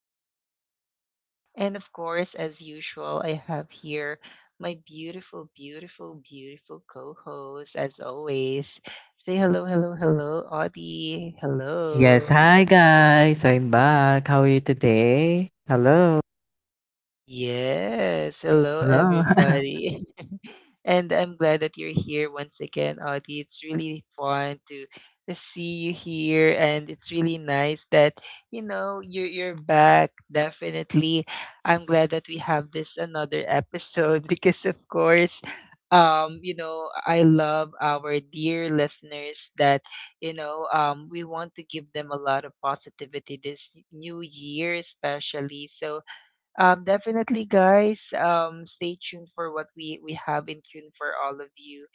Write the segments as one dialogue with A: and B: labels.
A: Cups of Chaos. And of course, as usual, I have here my beautiful, beautiful, beautiful co host, as always. Say hello, hello, hello, Audie. Hello.
B: Yes, hi guys. I'm back. How are you today? Hello.
A: Yes. Hello,
B: Hello.
A: everybody. And I'm glad that you're here once again, Audie. It's really fun to see you here. And it's really nice that you're back. Definitely. I'm glad that we have this another episode because, of course, you know, I love our dear listeners that we want to give them a lot of positivity this new year, especially. So, definitely, guys. Stay tuned for what we have in tune for all of you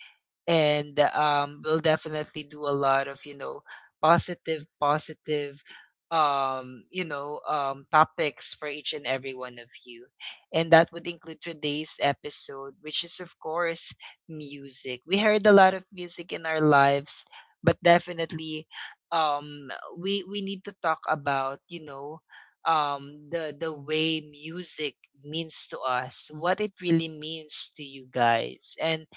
A: and we'll definitely do a lot of positive topics for each and every one of you, and that would include today's episode, which is of course music. We heard a lot of music in our lives, but definitely, um we need to talk about, you know, the way music means to us, what it really means to you guys. And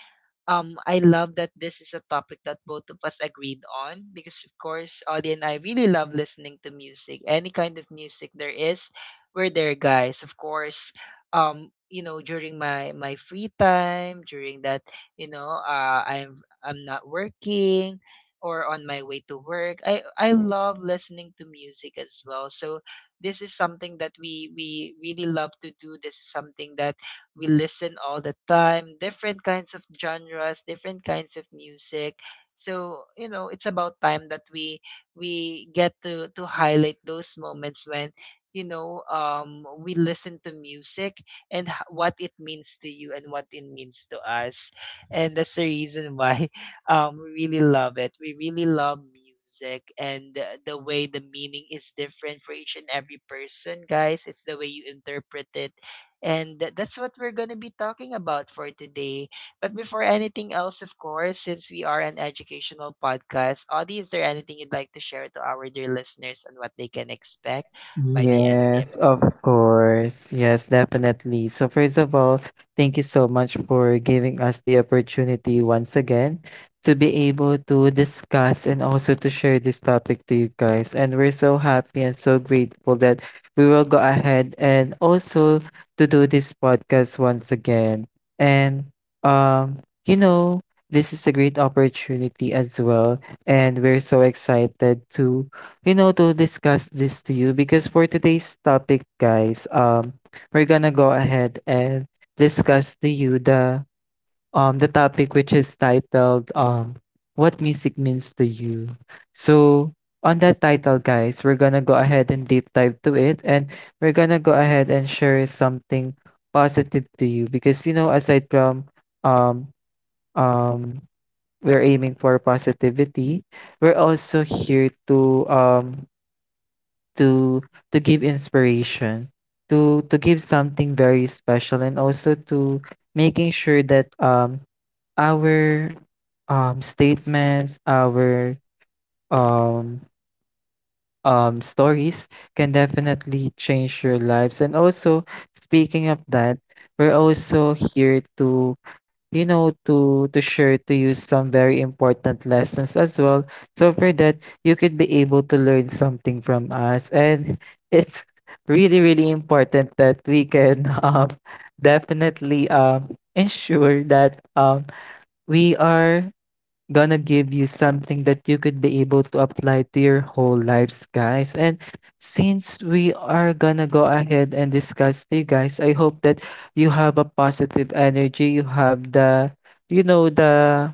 A: I love that this is a topic that both of us agreed on because, of course, Audie and I really love listening to music. Any kind of music there is, we're there, guys. Of course, you know, during my free time, during you know, I'm not working or on my way to work. I love listening to music as well. So this is something that we really love to do. This is something that we listen all the time, different kinds of genres, different kinds of music. So, you know, it's about time that we get to highlight those moments when we listen to music, and what it means to you and what it means to us. And that's the reason why we really love it, we really love music, and the way the meaning is different for each and every person, guys. It's the way you interpret it, and that's what we're gonna be talking about for today. But before anything else, of course, since we are an educational podcast, Audie, is there anything you'd like to share to our dear listeners on what they can expect by the end of the
B: Yes,
A: episode?
B: of course. Yes, definitely. So, first of all, thank you so much for giving us the opportunity once again to be able to discuss and also to share this topic to you guys. And we're so happy and so grateful that we will go ahead and also to do this podcast once again. And you know, this is a great opportunity as well, and we're so excited to you know, to discuss this to you because for today's topic, guys, we're gonna go ahead and discuss to you the topic which is titled what music means to you. So on that title, guys, we're gonna go ahead and deep dive to it, and we're gonna go ahead and share something positive to you because you know, aside from um um we're aiming for positivity, we're also here to to give inspiration, to give something very special, and also to making sure that our statements, our um stories can definitely change your lives. And also, speaking of that, we're also here to, you know, to share to you some very important lessons as well. So for that, you could be able to learn something from us. And it's really, really important that we can definitely ensure that we are gonna give you something that you could be able to apply to your whole lives, guys. And since we are gonna go ahead and discuss to you guys, I hope that you have a positive energy, you have you know, the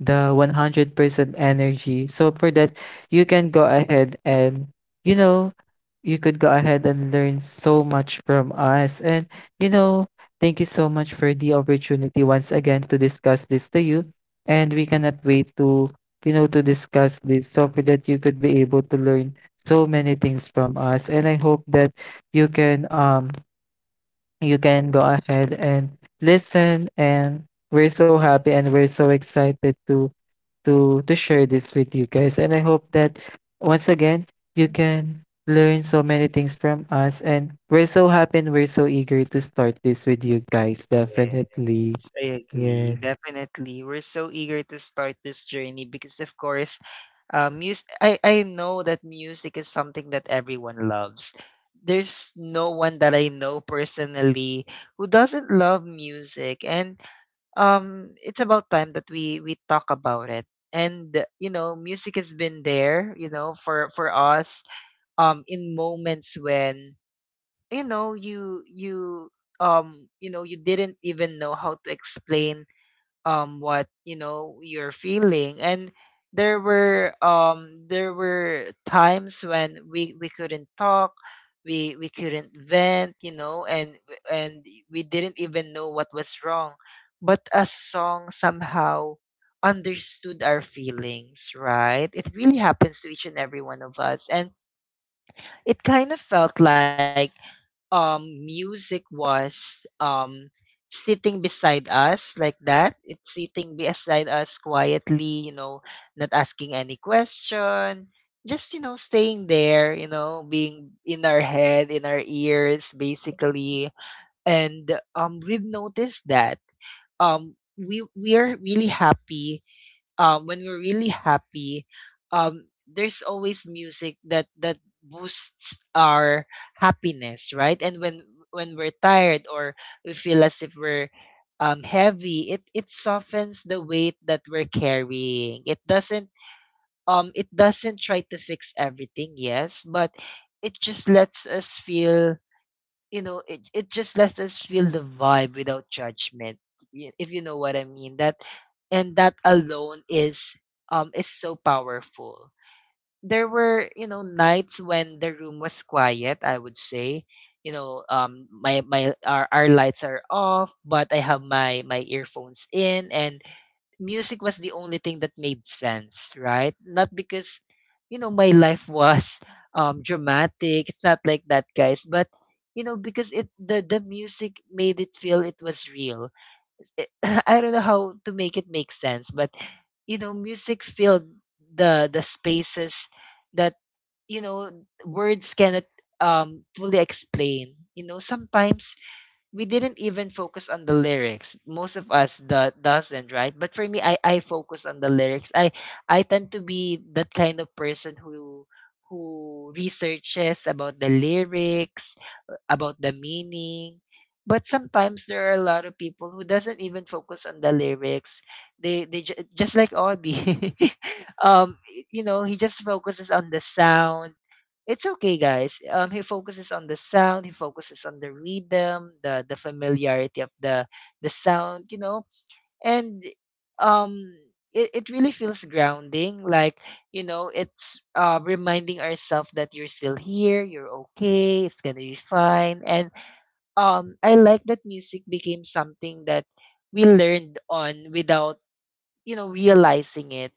B: the 100% energy. So for that, you can go ahead and, you know, you could go ahead and learn so much from us. And, you know, thank you so much for the opportunity once again to discuss this to you. And we cannot wait to, you know, to discuss this so for that you could be able to learn so many things from us. And I hope that you can, um, you can go ahead and listen, and we're so happy and we're so excited to share this with you guys. And I hope that once again you can learn so many things from us. And we're so happy and we're so eager to start this with you guys. Definitely.
A: Yes, I agree.
B: Yes.
A: Definitely. We're so eager to start this journey because of course, I know that music is something that everyone loves. There's no one that I know personally who doesn't love music. And it's about time that we talk about it. And you know, music has been there, you know, for us in moments when, you know you you you know, you didn't even know how to explain what, you know, you're feeling. And there were, there were times when we couldn't talk, we couldn't vent, you know, and we didn't even know what was wrong, but a song somehow understood our feelings, right? It really happens to each and every one of us. And it kind of felt like, music was, sitting beside us like that. It's sitting beside us quietly, you know, not asking any question, just, you know, staying there, you know, being in our head, in our ears, basically. And we've noticed that, we are really happy when we're really happy, there's always music that boosts our happiness, right? And when we're tired, or we feel as if we're, heavy, it softens the weight that we're carrying. It doesn't, it doesn't try to fix everything, yes, but it just lets us feel, you know, it just lets us feel the vibe without judgment, if you know what I mean. That and that alone is, is so powerful. There were, you know, nights when the room was quiet, I would say, you know, my my our lights are off, but I have my earphones in, and music was the only thing that made sense, right? Not because, you know, my life was, dramatic. It's not like that, guys. But you know, because it the music made it feel it was real. It- I don't know how to make it make sense, but you know, music filled the spaces that, you know, words cannot fully explain. You know, sometimes we didn't even focus on the lyrics. Most of us doesn't, right? But for me, I focus on the lyrics. I tend to be that kind of person who researches about the lyrics, about the meaning. But sometimes there are a lot of people who doesn't even focus on the lyrics. They just like Audie. You know, he just focuses on the sound. It's okay, guys. He focuses on the sound. He focuses on the rhythm, the familiarity of the sound, you know, and, um, it really feels grounding. Like, you know, it's, reminding ourselves that you're still here, you're okay, it's gonna be fine. And, I like that music became something that we learned on without, you know, realizing it.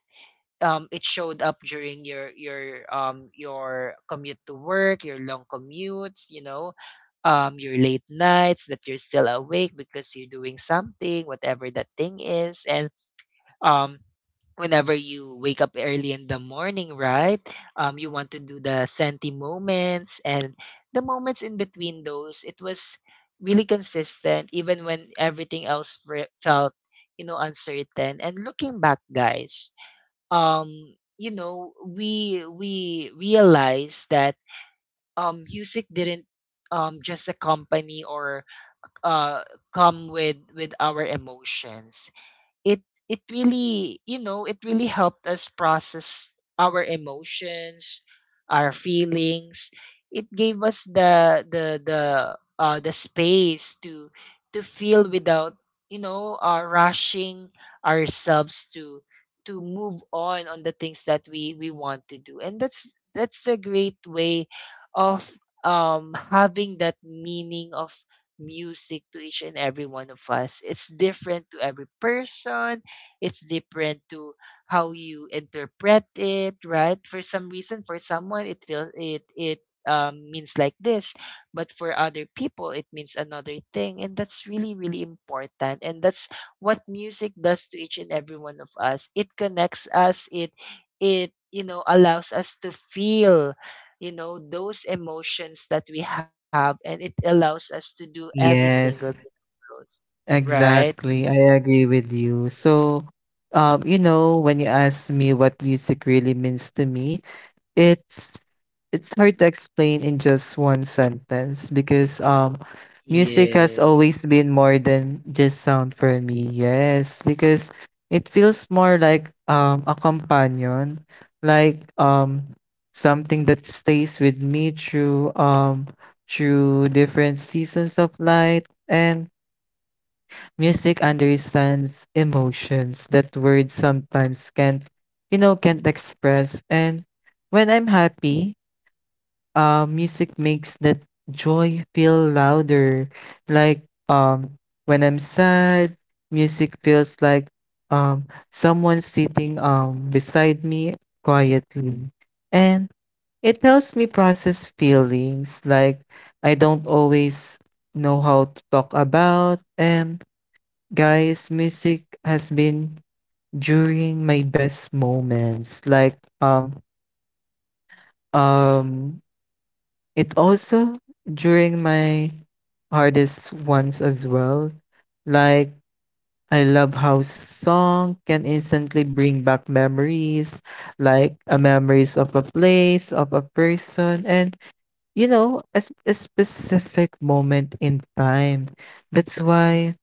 A: It showed up during your your commute to work, your long commutes, you know, your late nights that you're still awake because you're doing something, whatever that thing is. And, um, whenever you wake up early in the morning, right, you want to do the senti moments. And the moments in between those, it was really consistent even when everything else felt, you know, uncertain. And looking back, guys, you know, we realize that, um, music didn't, just accompany or, uh come with our emotions. it it really, you know, it really helped us process our emotions, our feelings. It gave us the space to feel without, rushing ourselves to move on the things that we want to do. And that's a great way of, um, having that meaning of music to each and every one of us. It's different to every person. It's different to how you interpret it, right? For some reason, for someone, it feels it it, means like this, but for other people, it means another thing, and that's really, really important. And that's what music does to each and every one of us. It connects us. It, you know, allows us to feel, you know, those emotions that we have, and it allows us to do every single thing
B: Yes.
A: of those, right?
B: Exactly. I agree with you. So you know, when you ask me what music really means to me, It's it's hard to explain in just one sentence because music has
A: Yeah.
B: always been more than just sound for me. Yes, because it feels more like a companion, like something that stays with me through through different seasons of life, and music understands emotions that words sometimes can't you know can't express. And when I'm happy, music makes that joy feel louder. Like um, when I'm sad, music feels like um, someone sitting beside me quietly. And it helps me process feelings like I don't always know how to talk about. And guys, music has been during my best moments. Like um it also during my hardest ones as well. Like I love how song can instantly bring back memories, like memories of a place, of a person, and you know, a, a specific moment in time. That's why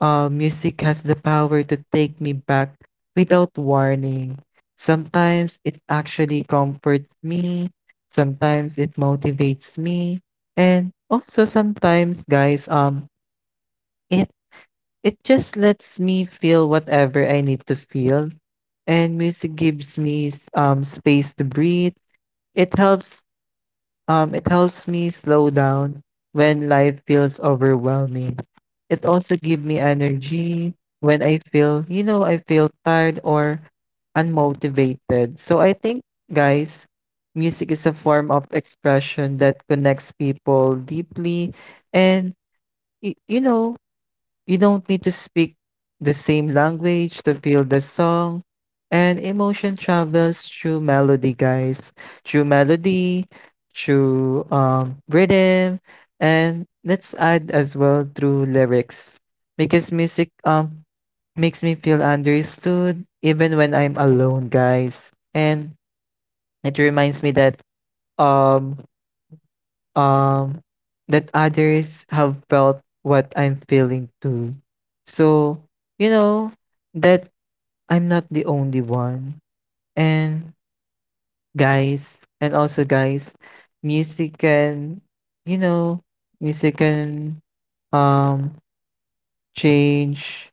B: music has the power to take me back without warning. Sometimes it actually comforts me, sometimes it motivates me, and also sometimes, guys, it it just lets me feel whatever I need to feel. And music gives me space to breathe. It helps it helps me slow down when life feels overwhelming. It also gives me energy when I feel, you know, I feel tired or unmotivated. So I think, guys, music is a form of expression that connects people deeply, and you know, you don't need to speak the same language to feel the song. And emotion travels through melody, guys. Through melody, through rhythm, and let's add as well through lyrics. Because music makes me feel understood even when I'm alone, guys. And it reminds me that um um, that others have felt what I'm feeling too. So, you know, that I'm not the only one. And guys, and also guys, music can, you know, music can um change,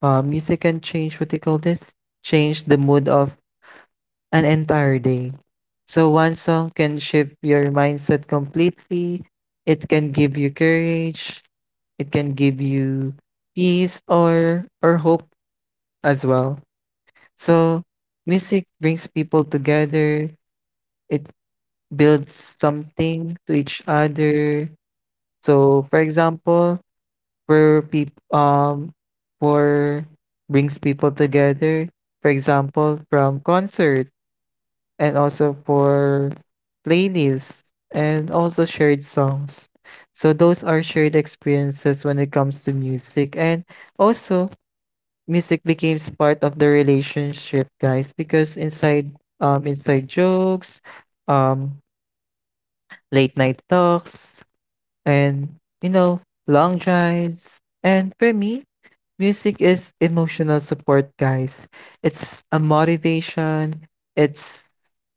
B: music can change what you call this, change the mood of an entire day. So one song can shift your mindset completely. It can give you courage, it can give you peace or hope as well. So music brings people together. It builds something to each other. So for example, for people, for brings people together, for example from concert, and also for playlists and also shared songs. So those are shared experiences when it comes to music. And also, music becomes part of the relationship, guys, because inside inside jokes, um late night talks, and you know, long drives. And for me, music is emotional support, guys. It's a motivation, it's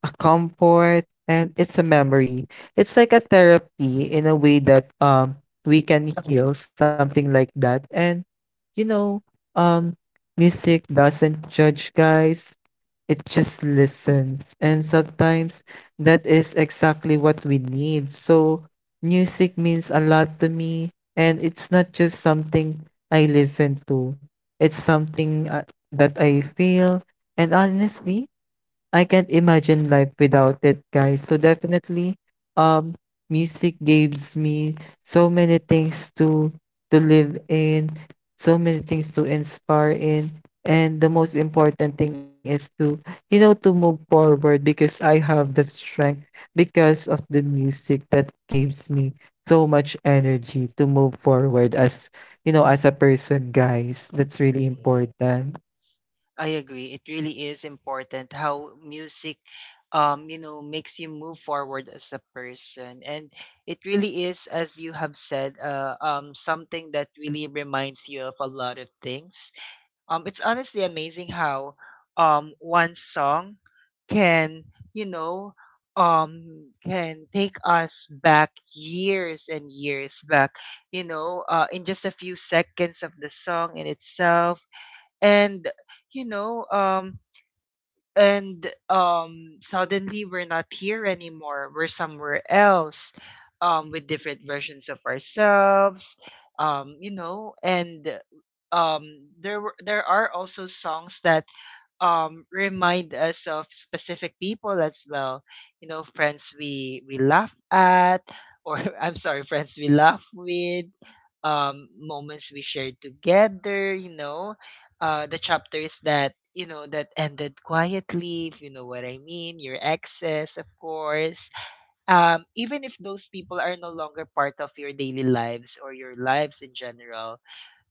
B: a comfort, and it's a memory. It's like a therapy in a way that we can heal something like that. And you know, um music doesn't judge, guys. It just listens. And sometimes that is exactly what we need. So music means a lot to me. And it's not just something I listen to, it's something that I feel. And honestly, I can't imagine life without it, guys. So definitely, um, music gives me so many things to live in, so many things to inspire in, and the most important thing is to, you know, to move forward because I have the strength because of the music that gives me so much energy to move forward as, you know, as a person, guys. That's really
A: So
B: important.
A: yes, I agree, it really is important how music, um, you know, makes you move forward as a person. And it really is, as you have said, something that really reminds you of a lot of things. It's honestly amazing how, one song can, you know, can take us back years and years back, you know, in just a few seconds of the song in itself. And, you know, and suddenly we're not here anymore, we're somewhere else, um, with different versions of ourselves, um, you know. And, um, there are also songs that, um, remind us of specific people as well. You know, friends we laugh at, or I'm sorry, friends we laugh with, um, moments we shared together, you know, uh, the chapters that, you know, that ended quietly, if you know what I mean, your exes, of course. Um, even if those people are no longer part of your daily lives or your lives in general,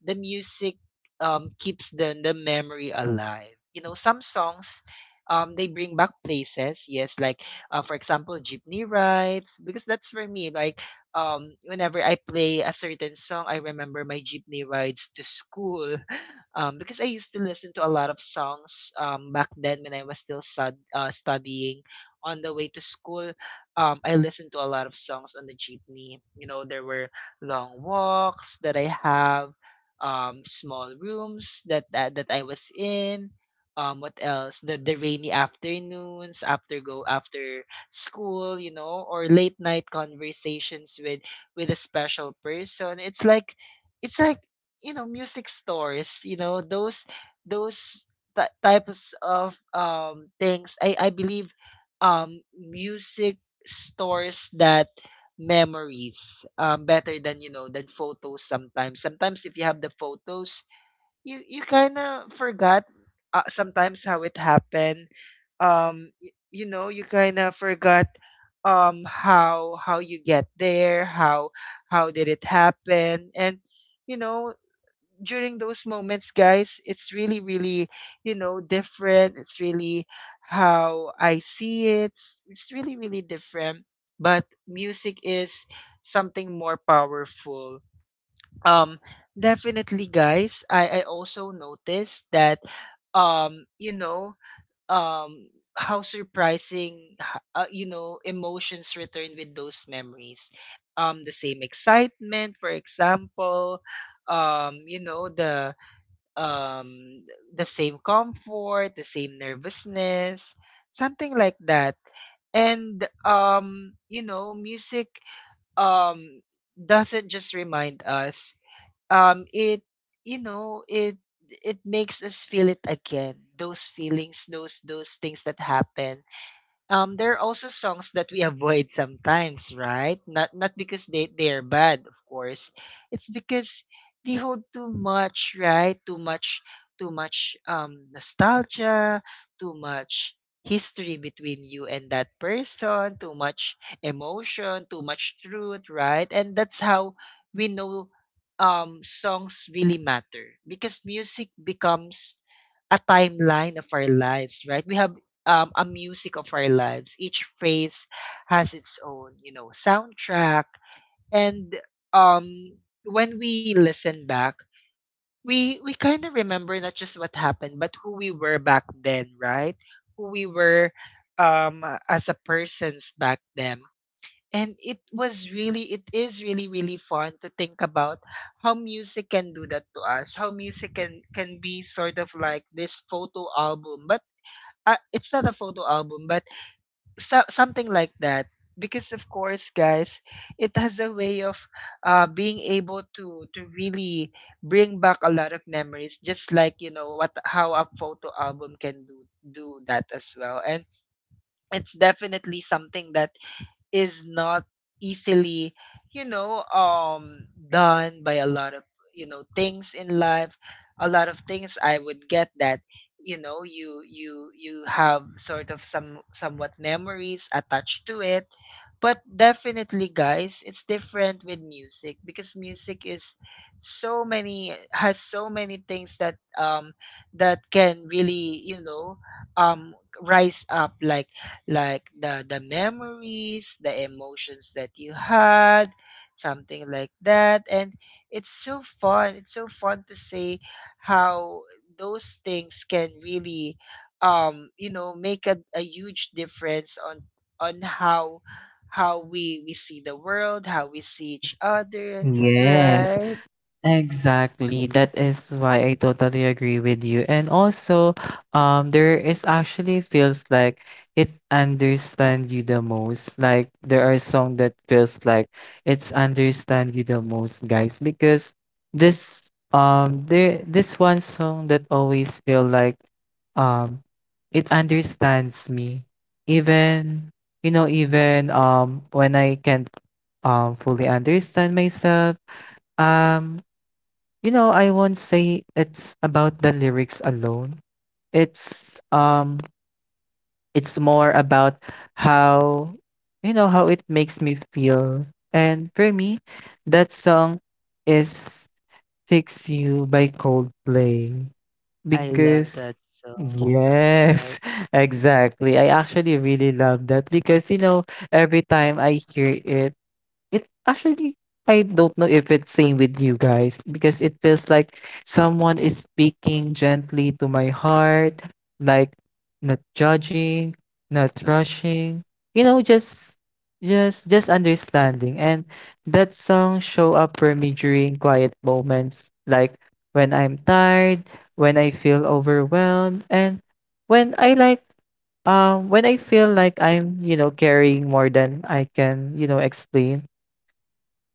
A: the music, keeps the memory alive. You know, some songs, they bring back places. Yes, like, for example, jeepney rides. Because that's for me. Like, whenever I play a certain song, I remember my jeepney rides to school. Because I used to listen to a lot of songs, back then when I was still studying. On the way to school, I listened to a lot of songs on the jeepney. You know, there were long walks that I have, small rooms that I was in. What else? The rainy afternoons after go after school, you know, or late night conversations with a special person. It's like, it's like you know, music stores. You know those, those types of, um, things. I believe, um, music stores that memories, better than, you know, than photos sometimes. Sometimes if you have the photos, you kinda forgot, sometimes how it happened. Y You know, you kinda forgot, how you get there, how did it happen, you know during those moments, guys, it's really, really, different. It's really how I see it. It's really, really different. But music is something more powerful. Um, Definitely, guys. I also noticed that, um, you know, um, how surprising, emotions return with those memories. The same excitement, for example, um you know the um the same comfort, the same nervousness, something like that. And music um doesn't just remind us. Um it you know, it it makes us feel it again. Those feelings, those things that happen. There are also songs that we avoid sometimes, right? Not because they're bad, of course. It's because they hold too much, right? Too much, nostalgia, too much history between you and that person, too much emotion, too much truth, right? And that's how we know songs really matter, because music becomes a timeline of our lives, right? We have, a music of our lives. Each phrase has its own, soundtrack. And um, when we listen back, we kind of remember not just what happened, but who we were back then, right? Who we were, as a persons back then. And it was really, it is really, really fun to think about how music can do that to us. How music can be sort of like this photo album, but it's not a photo album, but so, something like that, because, of course, guys, it has a way of being able to really bring back a lot of memories, just like, you know, what how a photo album can do that as well. And it's definitely something that is not easily, done by a lot of, things in life. A lot of things, I would get that, you have sort of somewhat memories attached to it. But definitely, guys, it's different with music, because music is so many, has so many things that that can really rise up, like the memories, the emotions that you had, something like that. And it's so fun. It's so fun to say how those things can really, make a huge difference on on how how we see the world, how we see each other,
B: Yes,
A: right?
B: exactly. That is why I totally agree with you. And also, there is actually feels like it understand you the most. Like there are song that feels like it's understand you the most, guys, because this one song that always feel like um it understands me even you know even when I can't fully understand myself um. You know, I won't say it's about the lyrics alone. It's um it's more about how you know how it makes me feel. And for me, that song is Fix You by Coldplay
A: I love
B: because
A: that song. Yes,
B: yes,
A: right?
B: exactly. I actually really love that because you know every time I hear it it actually, I don't know if it's same with you guys because it feels like someone is speaking gently to my heart, like not judging, not rushing, you know, just understanding. And that song show up for me during quiet moments, like when I'm tired, when I feel overwhelmed, and when I like when I feel like I'm, you know, carrying more than I can, you know, explain.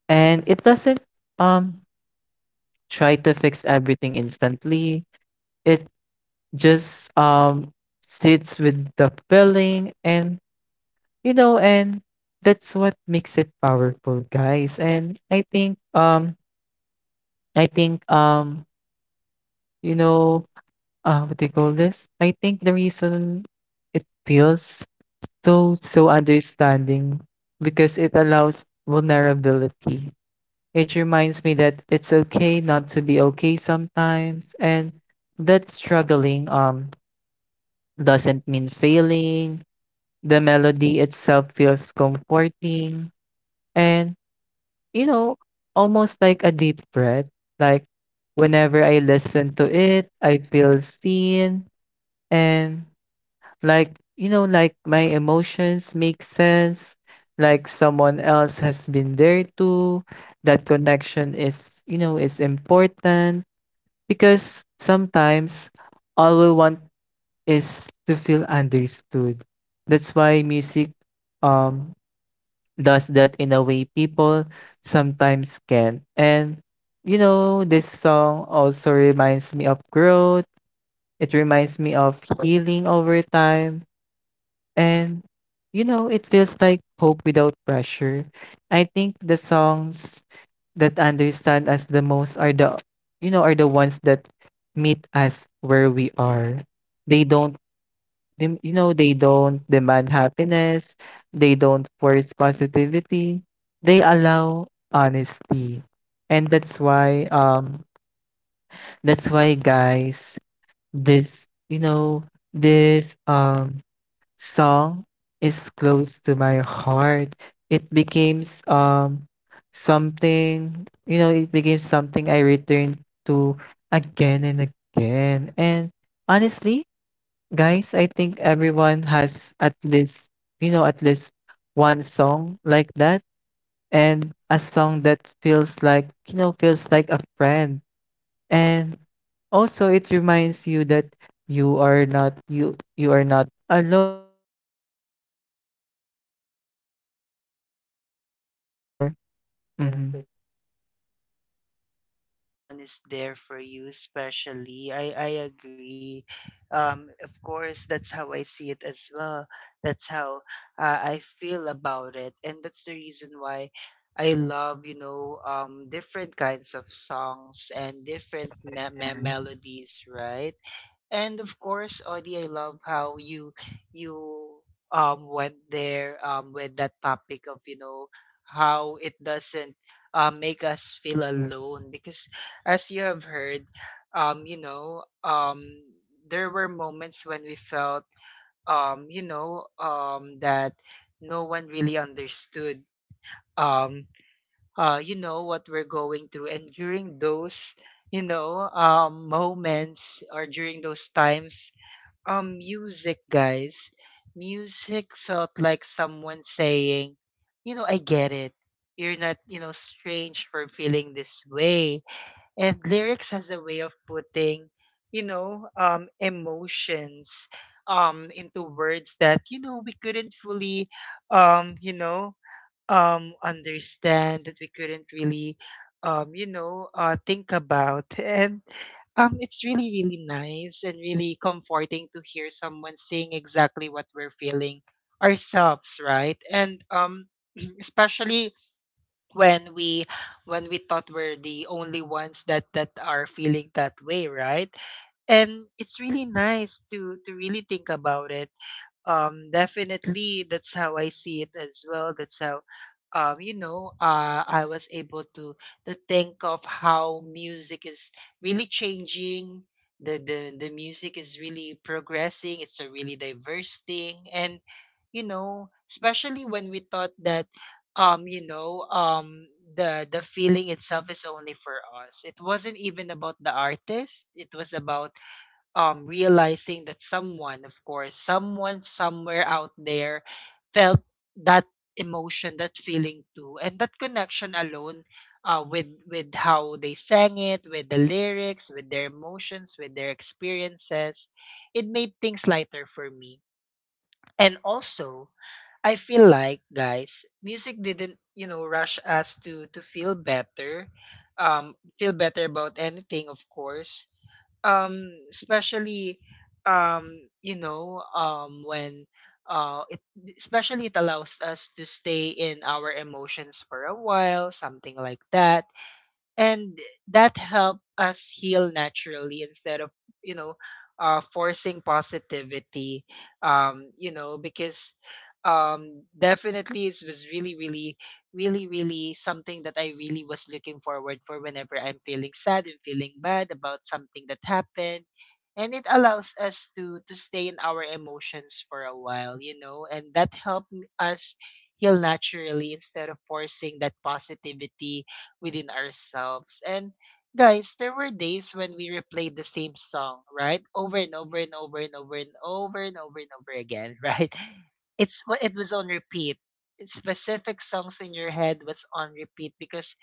B: And it doesn't um try to fix everything instantly. It just sits with the feeling and you know and that's what makes it powerful, guys. And I think I think um you know, what do you call this? I think the reason it feels so so understanding because it allows vulnerability. It reminds me that it's okay not to be okay sometimes and that struggling doesn't mean failing. The melody itself feels comforting and you know, almost like a deep breath. Like whenever I listen to it, I feel seen and like you know, like my emotions make sense, like someone else has been there too. That connection is, you know, is important. Because sometimes all we want is to feel understood. That's why music um does that in a way people sometimes can. And you know, this song also reminds me of growth. It reminds me of healing over time. And you know, it feels like hope without pressure. I think the songs that understand us the most are the you know are the ones that meet us where we are. They don't you know they don't demand happiness, they don't force positivity, they allow honesty. And that's why guys, this you know this song is close to my heart. It becomes something, you know, it became something I return to again and again. And honestly, guys, I think everyone has at least, you know, at least one song like that, and a song that feels like, you know, feels like a friend, and also it reminds you that you are not alone. Someone is, you know,
A: Yeah,
B: is
A: that.
B: there.
A: Yes,
B: Yes,
A: that someone
B: someone
A: you is are
B: is
A: there. Not there.
B: there.
A: Alone,
B: Hmm.
A: definitely. And that, someone is there for you, especially. I agree. Of course, that's how I see it as well. That's how, I feel about it. And that's the reason why I love, different kinds of songs and different
B: Yeah.
A: melodies, right? And of course, Audie, I love how you went there with that topic of, how it doesn't make us feel alone, because, as you have heard, um you know um there were moments when we felt, that no one really understood um what we're going through. And during those, moments, or during those times, music, guys, music felt like someone saying, you know, "I get it. You're not, you know, strange for feeling this way." And lyrics has a way of putting, emotions, into words that, we couldn't fully um you know understand, that we couldn't really think about. And it's really really nice and really comforting to hear someone saying exactly what we're feeling ourselves right and especially when we, when we thought we're the only ones that are feeling that way, right? And it's really nice to really think about it. Definitely, that's how I see it as well. That's how, I was able to think of how music is really changing. The music is really progressing. It's a really diverse thing, and, you know, especially when we thought that, um you know um the feeling itself is only for us. It wasn't even about the artist. It was about, realizing that someone, of course, someone somewhere out there, felt that emotion, that feeling too. And that connection alone, with how they sang it, with the lyrics, with their emotions, with their experiences, it made things lighter for me. And also, I feel like, guys, music didn't, rush us to feel better about anything, of course. Especially, um when, it especially, it allows us to stay in our emotions for a while, something like that. And that helped us heal naturally, instead of, you know forcing positivity, because, definitely, it was really, really, really, really something that I really was looking forward for, whenever I'm feeling sad and feeling bad about something that happened. And it allows us to stay in our emotions for a while, you know, and that helped us heal naturally, instead of forcing that positivity within ourselves. And, guys, there were days when we replayed the same song, right? Over and over and over and over and over and over and over again, right? It was on repeat. Specific songs in your head was on repeat. Because,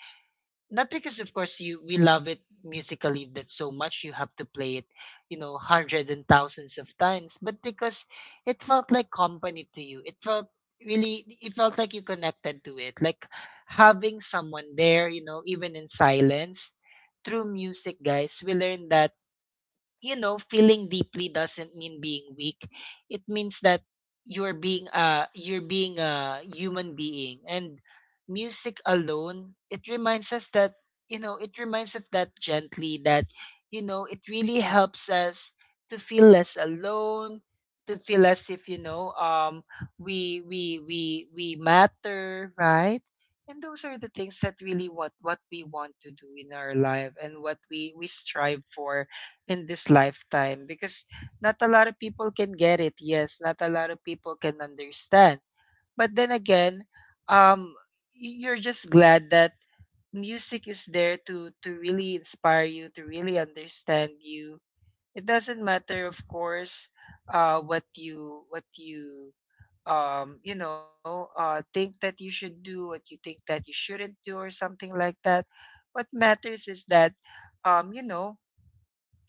A: not because, of course, you we love it musically that so much you have to play it, you know, hundreds and thousands of times, but because it felt like company to you. It felt like you connected to it. Like having someone there, even in silence. Through music, guys, we learned that, feeling deeply doesn't mean being weak. It means that you're being a human being. And music alone, it reminds us that, it reminds us, that gently, that, it really helps us to feel less alone, to feel as if, we matter, right? And those are the things that really, what we want to do in our life, and what we strive for in this lifetime, because not a lot of people can get it. Yes, not a lot of people can understand. But then again, um, you're just glad that music is there to really inspire you, to really understand you. It doesn't matter, of course, what you, what you you know think that you should do, what you think that you shouldn't do, or something like that. What matters is that, um you know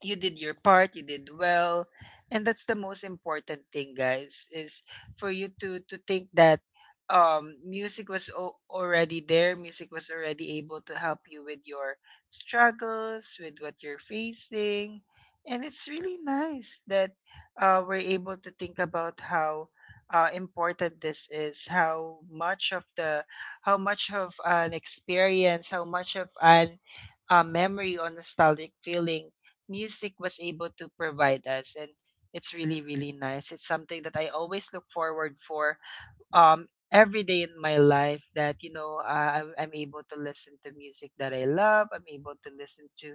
A: you did your part, you did well, and that's the most important thing, guys, is for you to think that, music was already there. Music was already able to help you with your struggles, with what you're facing. And it's really nice that, we're able to think about how important this is, how much of the, how much of an experience, how much of an memory or nostalgic feeling music was able to provide us. And it's really, really nice. It's something that I always look forward for, every day in my life. That, I'm able to listen to music that I love. I'm able to listen to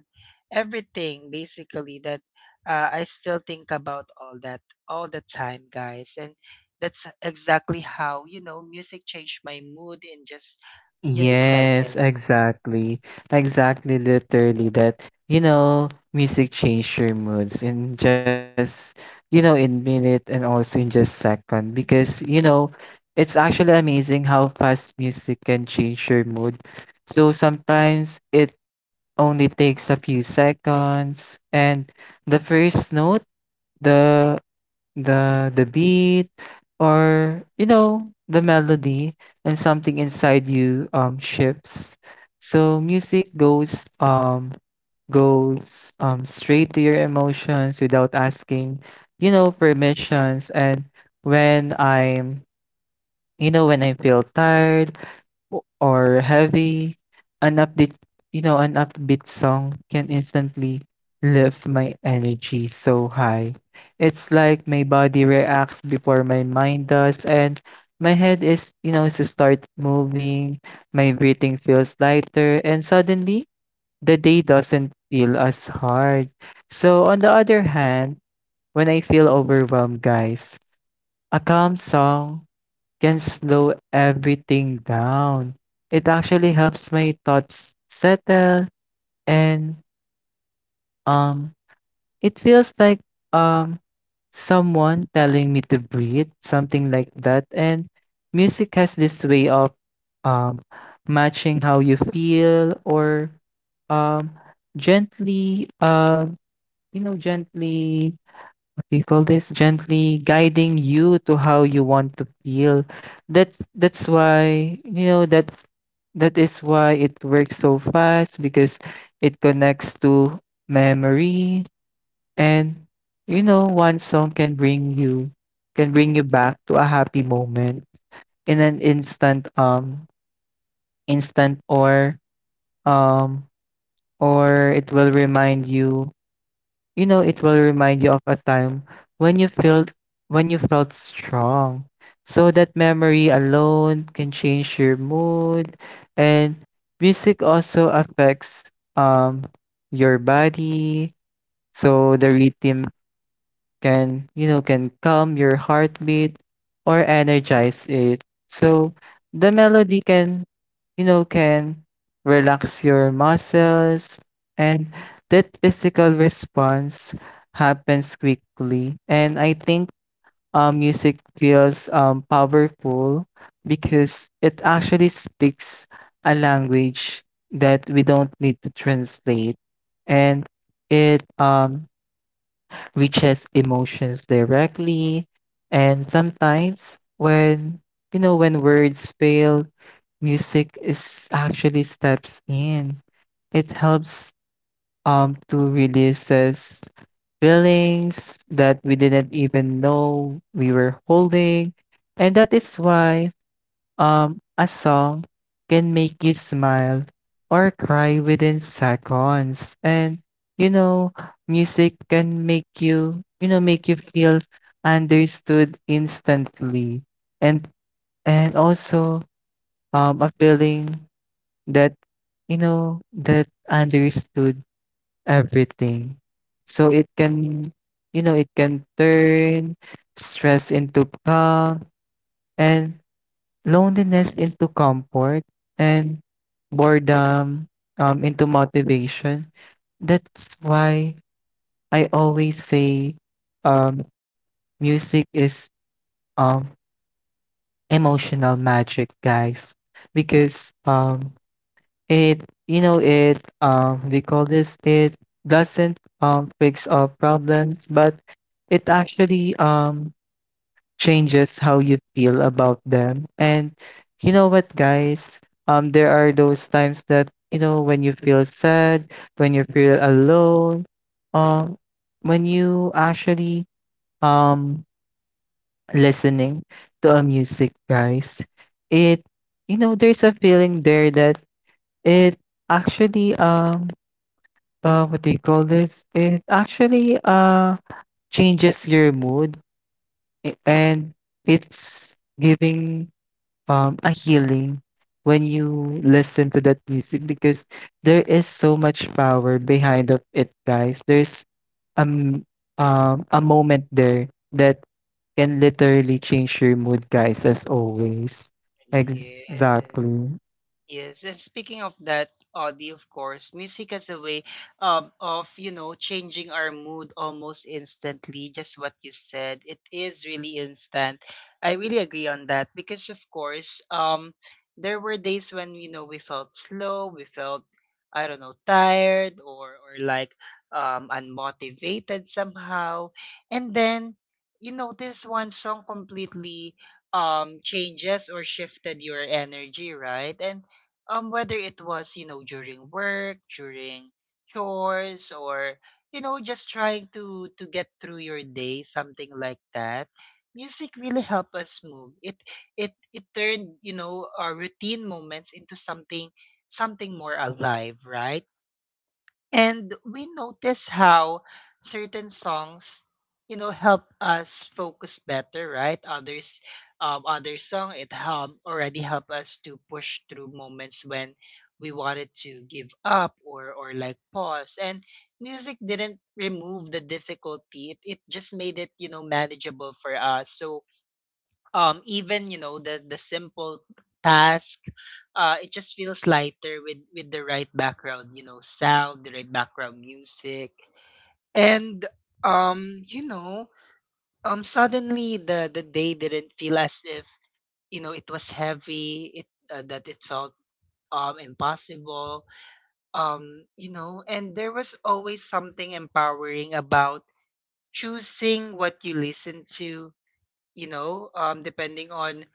A: everything, basically, that, I still think about all that all the time, guys. And that's exactly how, you know, music changed my mood in just a. Yes. Second.
B: Yes, exactly. Exactly, literally that, you know, music changed your moods in just, you know, in minute and also in just second because, you know, it's actually amazing how fast music can change your mood. So sometimes it only takes a few seconds and the first note, the the beat, or the melody, and something inside you shifts. So music goes straight to your emotions without asking, permissions. And when I'm you know when I feel tired or heavy, an upbeat, an upbeat song can instantly lift my energy so high. It's like my body reacts before my mind does, and my head is, you know, to start moving, my breathing feels lighter, and suddenly the day doesn't feel as hard. So, on the other hand, when I feel overwhelmed, guys, a calm song can slow everything down. It actually helps my thoughts settle, and um it feels like um someone telling me to breathe, something like that. And music has this way of um matching how you feel, or um gently you know gently we call this gently guiding you to how you want to feel. That's why, that is why it works so fast, because it connects to memory. And you know, one song can bring you back to a happy moment in an instant, instant or um or it will remind you of a time when you felt when you felt strong. So that memory alone can change your mood. And music also affects um your body. So the rhythm can, can calm your heartbeat or energize it. So the melody can, can relax your muscles, and that physical response happens quickly. And I think music feels powerful, because it actually speaks a language that we don't need to translate, and it reaches emotions directly. And sometimes when you know when words fail, music is actually steps in. It helps to releases feelings that we didn't even know we were holding. And that is why, a song can make you smile or cry within seconds. And you know, music can make you feel understood instantly. And also a feeling that, that understood everything. So it can, turn stress into calm, and loneliness into comfort, and boredom, into motivation. That's why I always say, um, music is um emotional magic, guys, because it you know it we call this it doesn't fix all problems, but it actually changes how you feel about them. And you know what, guys? There are those times that, you know, when you feel sad, when you feel alone, um, when you actually um listening to a music, guys, it, you know, there's a feeling there that it actually what do you call this? It actually changes your mood, and it's giving a healing when you listen to that music, because there is so much power behind of it, guys. There's um a moment there that can literally change your mood, guys, as always.
A: Yes.
B: Exactly.
A: Yes, and speaking of that, Audie, of course, music has a way, of, changing our mood almost instantly, just what you said. It is really instant. I really agree on that, because, of course, there were days when, you know, we felt slow, we felt, I don't know, tired, or like, unmotivated somehow. And then, you know, this one song completely changes, or shifted your energy, right? And whether it was, you know, during work, during chores, or, you know, just trying to get through your day, something like that, music really helped us move it. It turned, you know, our routine moments into something more alive, right? And we notice how certain songs, you know, help us focus better, right? Others, other song, it already help us to push through moments when we wanted to give up, or like pause. And music didn't remove the difficulty; it just made it, you know, manageable for us. So even the simple task it just feels lighter with the right background sound, the right background music. And um you know suddenly the day didn't feel as if it was heavy, it that it felt impossible. You know, and there was always something empowering about choosing what you listen to, depending on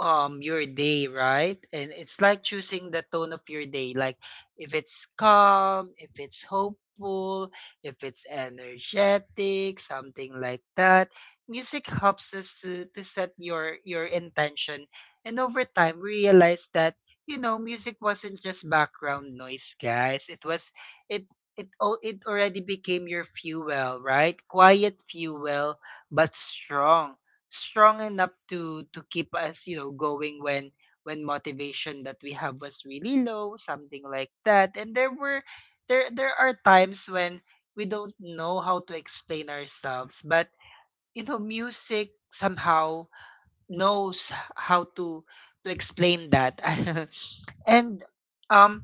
A: your day, right? And it's like choosing the tone of your day. Like if it's calm, if it's hopeful, if it's energetic, something like that. Music helps us to set your intention. And over time we realize that, music wasn't just background noise, guys. It was it it already became your fuel, right? Quiet fuel, but strong enough to keep us going when motivation that we have was really low, something like that. And there were there there are times when we don't know how to explain ourselves, but music somehow knows how to explain that. And um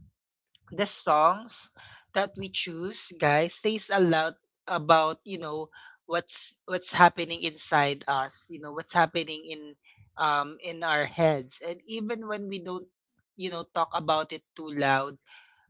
A: the songs that we choose, guys, says a lot about what's happening inside us, what's happening in our heads, and even when we don't talk about it too loud.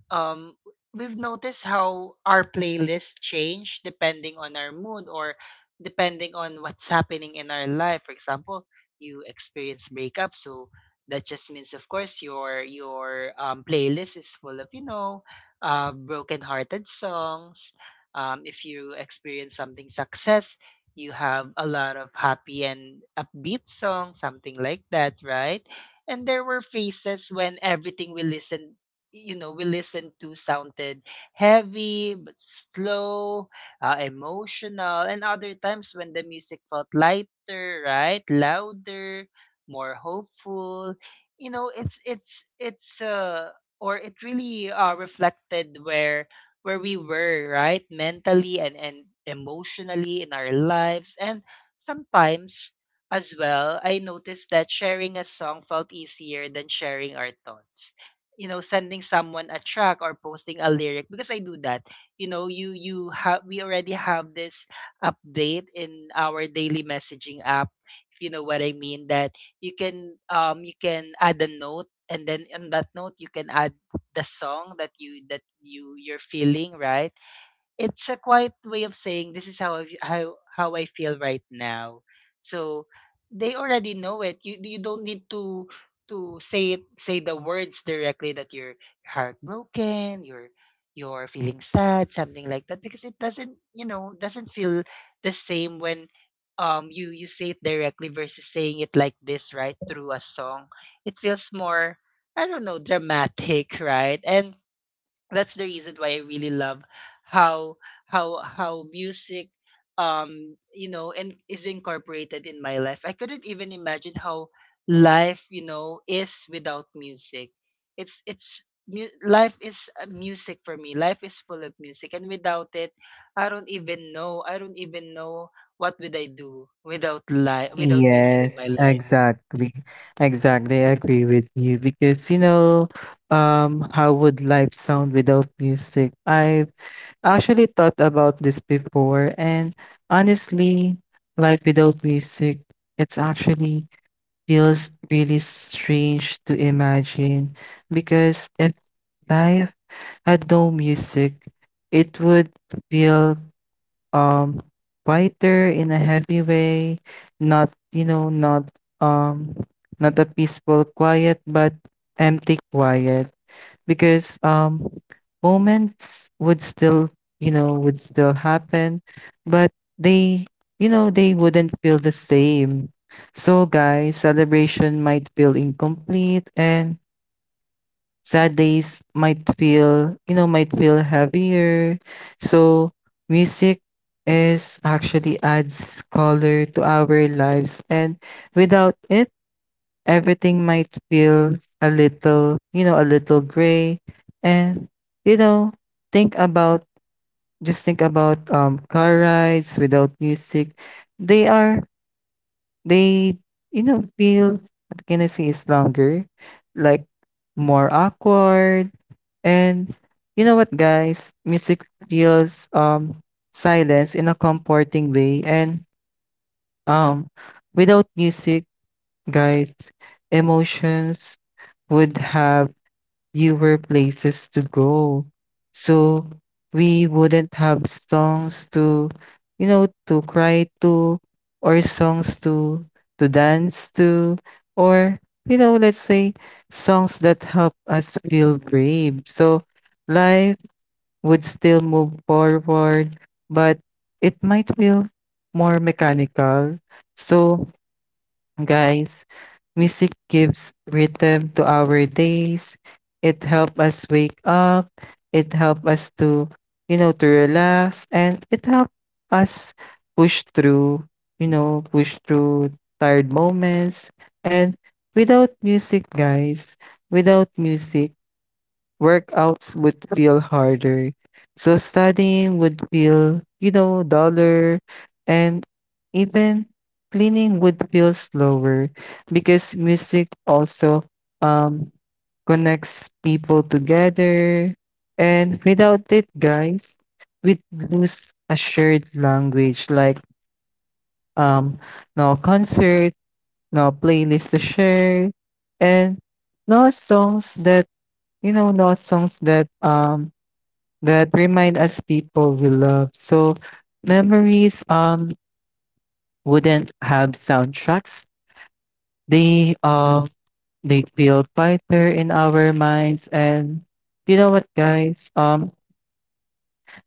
A: um we've noticed how our playlists change depending on our mood or depending on what's happening in our life. For example, you experience breakup, so that just means of course your playlist is full of broken-hearted songs. If you experience something success, you have a lot of happy and upbeat songs, something like that, right? And there were phases when everything we listened, we listened to sounded heavy but slow, emotional, and other times when the music felt lighter, right? Louder, more hopeful. You know, it's it's it's uh it really reflected where we were, right? Mentally and emotionally in our lives. And sometimes as well, I noticed that sharing a song felt easier than sharing our thoughts, sending someone a track or posting a lyric, because I do that. You know you you have We already have this update in our daily messaging app, if you know what I mean, that you can add a note, and then in that note you can add the song that you're feeling, right? It's a quiet way of saying, this is how I, v- how I feel right now. So they already know it. You don't need to say it, say the words directly that you're heartbroken, you're feeling sad, something like that, because it doesn't, doesn't feel the same when you say it directly versus saying it like this, right, through a song. It feels more, I don't know, dramatic, right? And that's the reason why I really love how how music you know and is incorporated in my life. I couldn't even imagine how life, is without music. Life is music for me. Life is full of music, and without it, I don't even know. I don't even know what would I do without life, without music. Yes, in my
B: Yes,
A: yes, life.
B: exactly. Exactly. I agree with you, because, you know, how would life sound without music? I actually thought about this before, and honestly, life without music, it's actually feels really strange to imagine, because if life had no music, it would feel um quieter in a heavy way, not, you know, not um not a peaceful quiet, but empty quiet, because moments would still, would still happen, but they, they wouldn't feel the same. So guys, celebration might feel incomplete, and sad days might feel, might feel heavier. So music is actually adds color to our lives, and without it everything might feel a little, you know, a little gray. And, you know, think about, just think about, car rides without music. They are, they, you know, feel, what can I say, is longer, like more awkward. And you know what, guys? Music feels, silence in a comforting way. And um, without music, guys, emotions would have fewer places to go. So we wouldn't have songs to, you know, to cry to, or songs to dance to, or you know, let's say songs that help us feel brave. So life would still move forward, but it might feel more mechanical. So guys. Music gives rhythm to our days. It helps us wake up. It helps us to, you know, to relax. And it helps us push through, you know, push through tired moments. And without music, guys, without music, workouts would feel harder. So studying would feel, you know, duller, and even cleaning would feel slower, because music also um connects people together. And without it, guys, we'd lose a shared language, like um no concert, no playlist to share, and no songs that, you know, no songs that that remind us people we love. So memories wouldn't have soundtracks. They um they feel quieter in our minds. And you know what guys?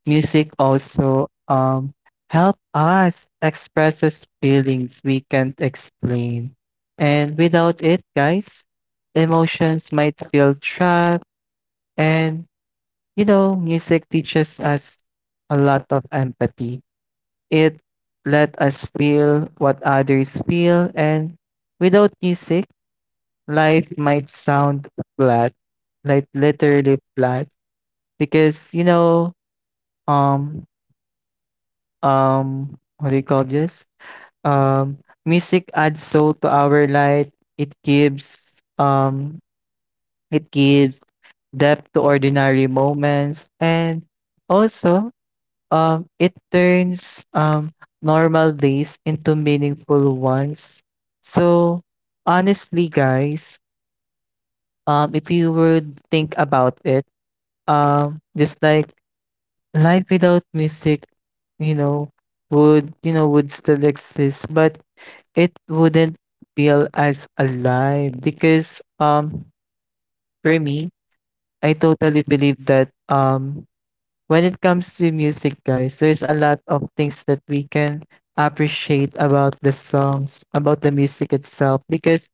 B: Music also help us expresses feelings we can't explain. And without it, guys, emotions might feel trapped. And you know, music teaches us a lot of empathy. It let us feel what others feel. And without music, life might sound flat, like literally flat, because you know, um what do you call this um music adds soul to our life. It gives it gives depth to ordinary moments. And also, um, it turns normal days into meaningful ones. So, honestly, guys, if you would think about it, just like life without music, you know, would still exist, but it wouldn't feel as alive. Because for me, I totally believe that, when it comes to music, guys, there's a lot of things that we can appreciate about the songs, about the music itself. Because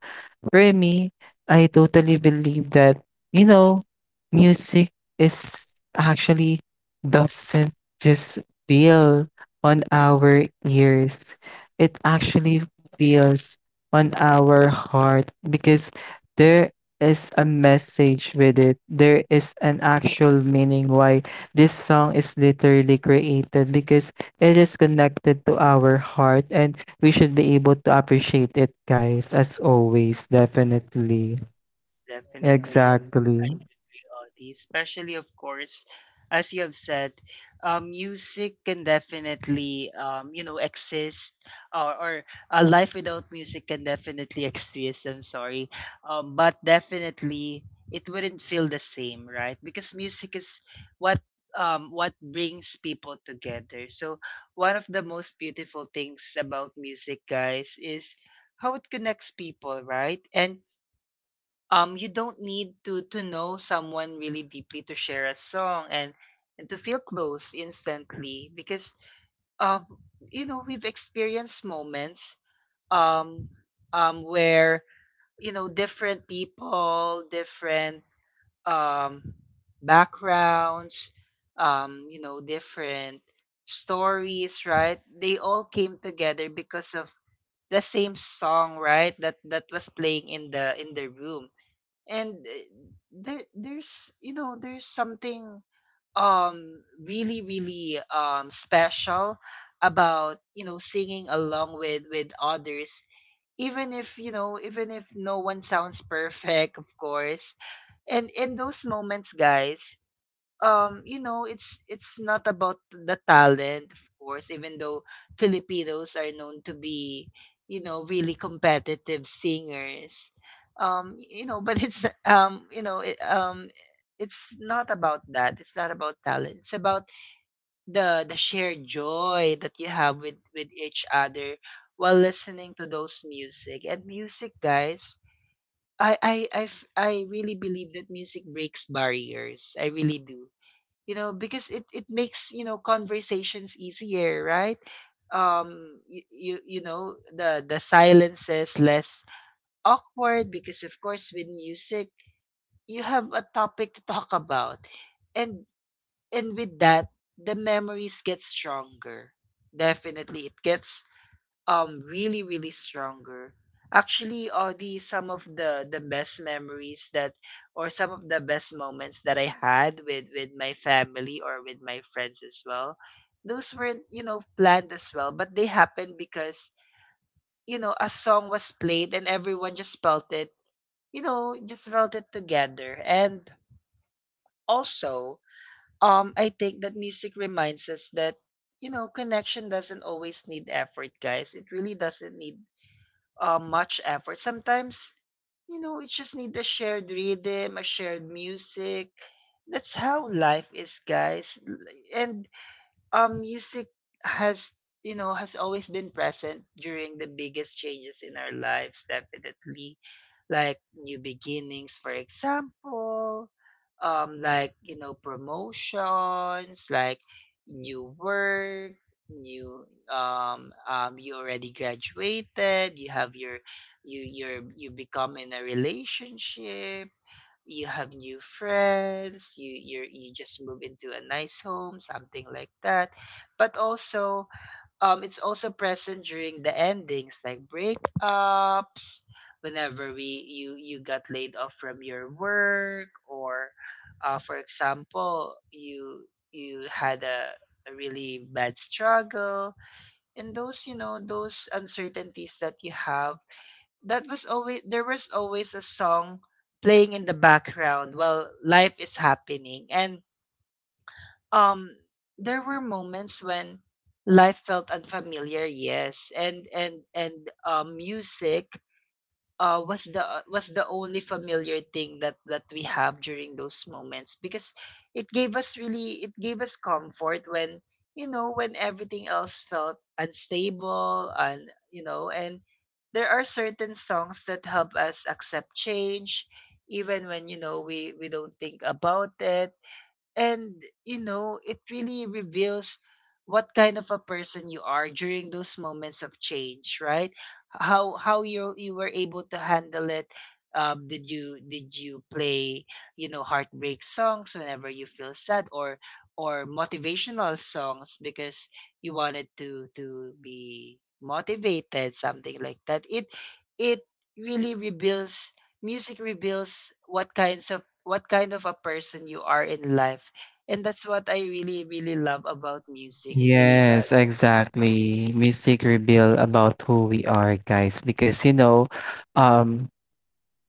B: for me, I totally believe that, you know, music is actually doesn't just feel on our ears. It actually feels on our heart, because there is a message with it. There is an actual meaning why this song is literally created, because it is connected to our heart, and we should be able to appreciate it, guys, as always, definitely.
A: Definitely.
B: Exactly.
A: Reality, especially of course, as you have said, music can definitely exist, or a life without music can definitely exist. I'm sorry, but definitely it wouldn't feel the same, right? Because music is what what brings people together. So one of the most beautiful things about music, guys, is how it connects people, right? And you don't need to know someone really deeply to share a song and to feel close instantly, because um we've experienced moments um where different people, different um backgrounds, different stories, right, they all came together because of the same song, right, that was playing in the room. And there's there's something really special about singing along with others, even if, even if no one sounds perfect, of course. And in those moments, guys, it's not about the talent, of course, even though Filipinos are known to be, really competitive singers. But it's not about that. It's not about talent. It's about the shared joy that you have with each other while listening to those music. And music, guys, I really believe that music breaks barriers. I really do, because it makes, conversations easier, right? The silences less awkward, because of course with music you have a topic to talk about. And with that, the memories get stronger. Definitely it gets really really stronger. Actually, the some of the best memories that, or some of the best moments that I had with my family or with my friends as well, those weren't, planned as well, but they happened because a song was played, and everyone just felt it, just felt it together. And also, I think that music reminds us that, connection doesn't always need effort, guys. It really doesn't need much effort. Sometimes, it just need a shared rhythm, a shared music. That's how life is, guys. L- And music has, has always been present during the biggest changes in our lives, definitely, like new beginnings, for example, like, promotions, like new work, new you already graduated, you have your, you become in a relationship, you have new friends, you just move into a nice home, something like that. But also, it's also present during the endings, like breakups, whenever we you you got laid off from your work, or for example, you had a really bad struggle, and those, those uncertainties that you have, that was always, there was always a song playing in the background while life is happening. And um there were moments when life felt unfamiliar, yes, and music was the only familiar thing that we have during those moments, because it gave us, really, it gave us comfort when, when everything else felt unstable. And there are certain songs that help us accept change, even when, we don't think about it. And it really reveals what kind of a person you are during those moments of change, right, how you were able to handle it. Um did you play, heartbreak songs whenever you feel sad, or motivational songs because you wanted to be motivated, something like that? It really reveals, music reveals what kind of a person you are in life. And that's what I really, really love about music. It really, yes, does.
B: Yes, exactly. Music reveal about who we are, guys, because you know, um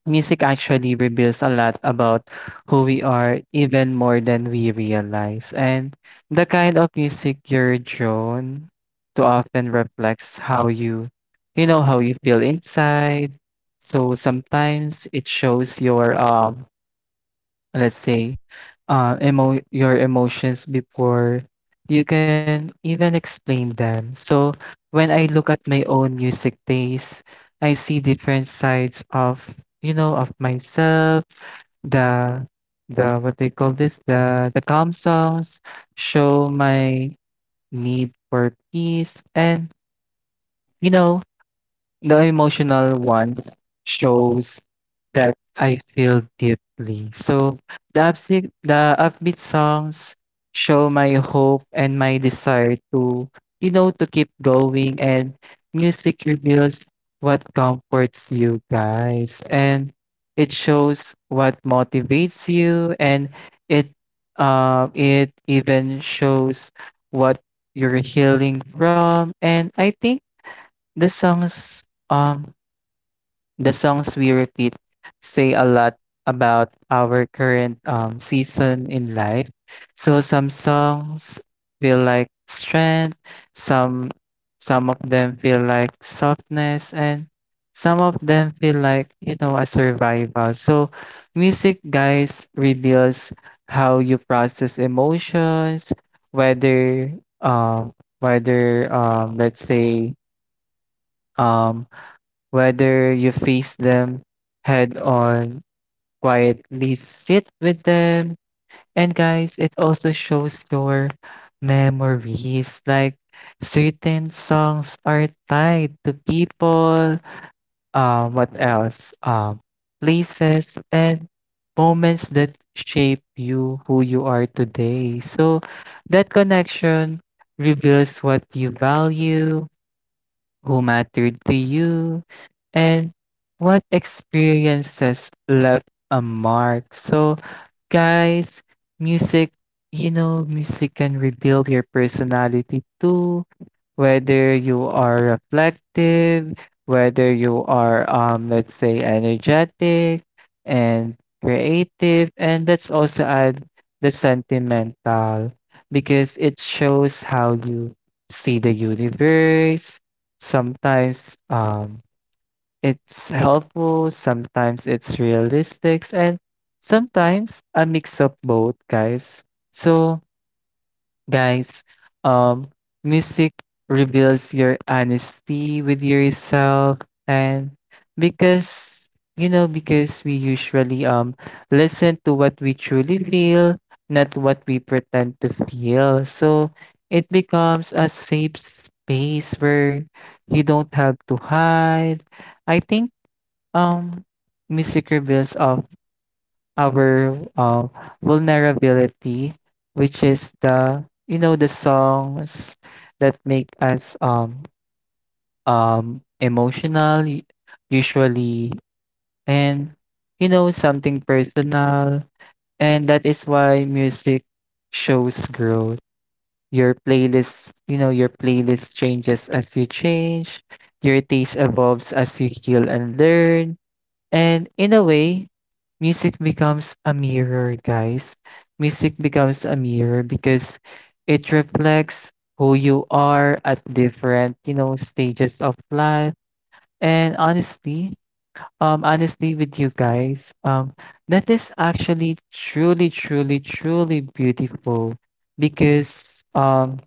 B: music actually reveals a lot about who we are, even more than we realize. And the kind of music you're drawn to often reflects how you, you know, how you feel inside. So sometimes it shows your let's say, emo your emotions before you can even explain them. So when I look at my own music taste, I see different sides of, of myself. The the what they call this the calm songs show my need for peace, and you know, the emotional ones shows that I feel deeply. So the upbeat songs show my hope and my desire to, you know, to keep going. And music reveals what comforts you, guys, and it shows what motivates you, and it, it even shows what you're healing from. And I think the songs um the songs we repeat say a lot about our current season in life. So some songs feel like strength, some of them feel like softness, and some of them feel like, you know, a survival. So music, guys, reveals how you process emotions, whether um whether let's say um whether you face them head on, quietly sit with them. And guys, it also shows your memories. Like certain songs are tied to people, what else? Places, and moments that shape you who you are today. So that connection reveals what you value, who mattered to you, and what experiences left a mark. So, guys, music, you know, music can rebuild your personality too. Whether you are reflective, whether you are, let's say, energetic and creative, and let's also add the sentimental, because it shows how you see the universe. Sometimes, it's helpful, sometimes it's realistic, and sometimes a mix of both, guys. So, guys, um, music reveals your honesty with yourself, and because you know, because we usually listen to what we truly feel, not what we pretend to feel. So it becomes a safe space where you don't have to hide. I think, Um, music reveals of our vulnerability, which is the, you know, the songs that make us emotional, usually, and you know, something personal. And that is why music shows growth. Your playlist, you know, your playlist changes as you change. Your taste evolves as you heal and learn. And in a way, music becomes a mirror, guys. Music becomes a mirror because it reflects who you are at different, you know, stages of life. And honestly, honestly with you guys, that is actually truly, truly, truly beautiful, because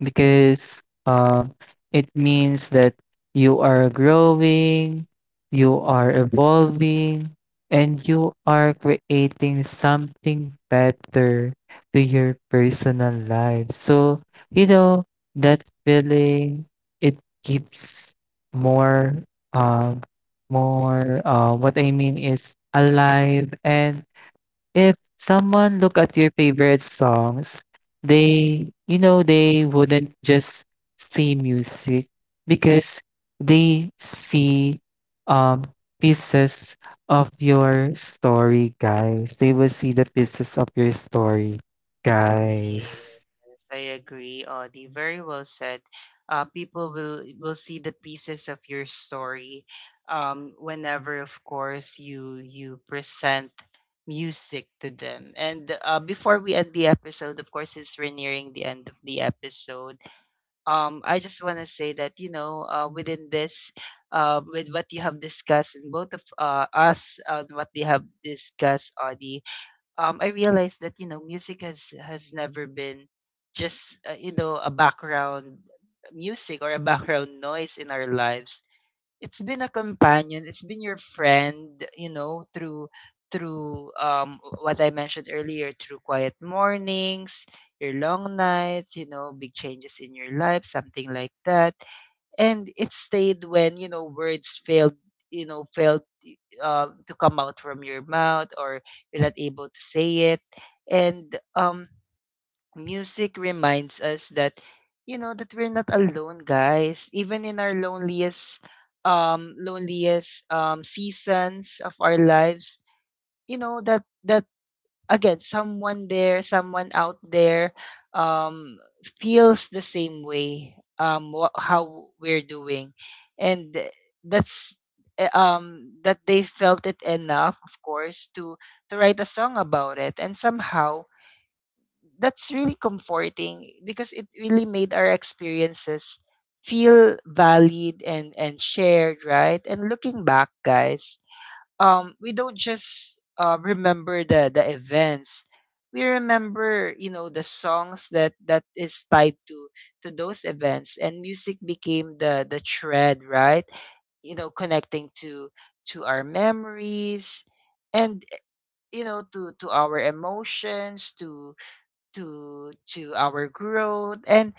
B: because, um, it means that you are growing, you are evolving, and you are creating something better to your personal life. So, you know, that feeling, it keeps more, um, what I mean is alive. And if someone look at your favorite songs, they you know, they wouldn't just see music, because they see, um, pieces of your story, guys. They will see the pieces of your story, guys.
A: Yes, I agree, Audie. Very well said. People will see the pieces of your story whenever, of course, you present music to them. And before we end the episode, of course, it's we're nearing the end of the episode. I just want to say that, within this, with what you have discussed, and both of us, what we have discussed, Audie, I realized that, music has never been just a background music or a background noise in our lives. It's been a companion. It's been your friend, through what I mentioned earlier, through quiet mornings, your long nights, big changes in your life, something like that. And it stayed when, words failed, you know, failed to come out from your mouth, or you're not able to say it. And music reminds us that, that we're not alone, guys, even in our loneliest seasons of our lives, that again, someone out there um feels the same way, wha how we're doing. And th- that's eh, That they felt it enough, of course, to write a song about it, and somehow that's really comforting, because it really made our experiences feel valued and shared, right? And looking back, guys, we don't just remember the events, we remember, the songs that is tied to those events. And music became the thread, right, connecting to our memories, and, to our emotions, to our growth. And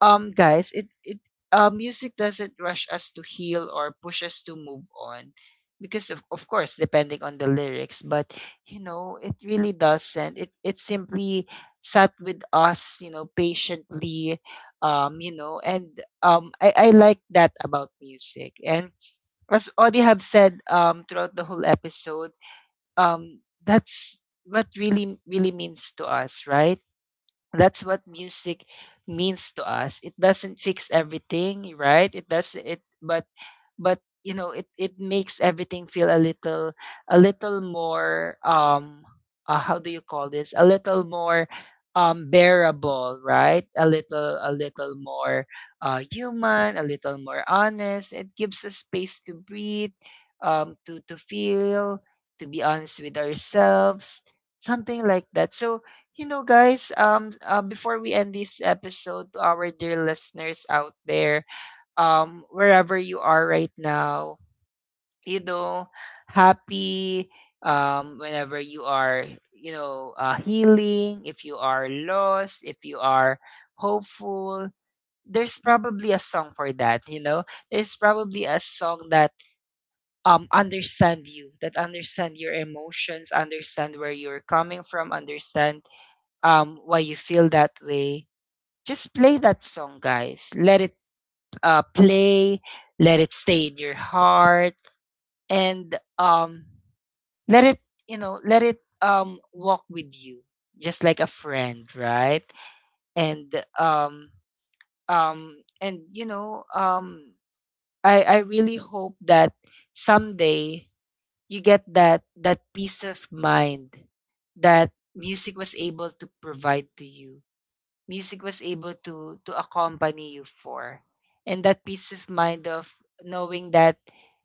A: guys it it music doesn't rush us to heal or push us to move on, because of course, depending on the lyrics, but it really doesn't, it simply sat with us, patiently. You know and I like that about music. And as Audie have said throughout the whole episode, that's what really really means to us, right? That's what music means to us. It doesn't fix everything, right? It does it but it makes everything feel a little more, how do you call this, a little more bearable, right, a little, a little more human, a little more honest. It gives us space to breathe, to feel, to be honest with ourselves, something like that. So, guys, before we end this episode, to our dear listeners out there, wherever you are right now, you know, happy, whenever you are, healing, if you are lost, if you are hopeful, there's probably a song for that, you know? There's probably a song that understand you, that understand your emotions, understand where you're coming from, understand why you feel that way. Just play that song, guys. Let it play, let it stay in your heart, and let it, let it walk with you, just like a friend, right? And um, um, and you know, um, I really hope that someday you get that peace of mind that music was able to provide to you, music was able to accompany you for. And that peace of mind of knowing that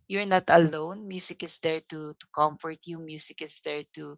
A: you're not alone, music is there to comfort you, music is there to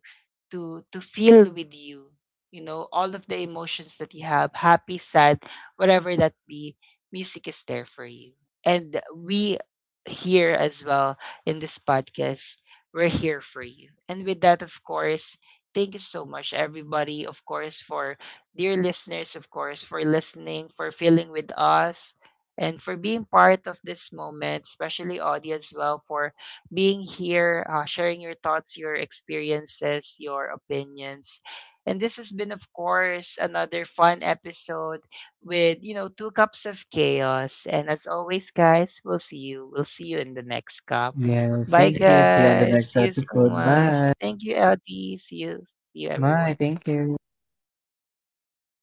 A: feel with you, you know all of the emotions that you have, happy, sad, whatever that be, music is there for you. And we here as well, in this podcast, we're here for you. And with that, of course, thank you so much, everybody, of course, for dear listeners, of course, for listening, for feeling with us, and for being part of this moment, especially Audie as well, for being here, sharing your thoughts, your experiences, your opinions. And this has been, of course, another fun episode with, you know, two cups of chaos. And as always, guys, we'll see you. We'll see you in the next cup.
B: Yes,
A: Bye,
B: thank you. See you on the
A: guys.
B: next
A: See you so
B: episode.
A: much.
B: Bye.
A: Thank you, Audie. See you. See you,
B: Bye.
A: everyone.
B: Thank you.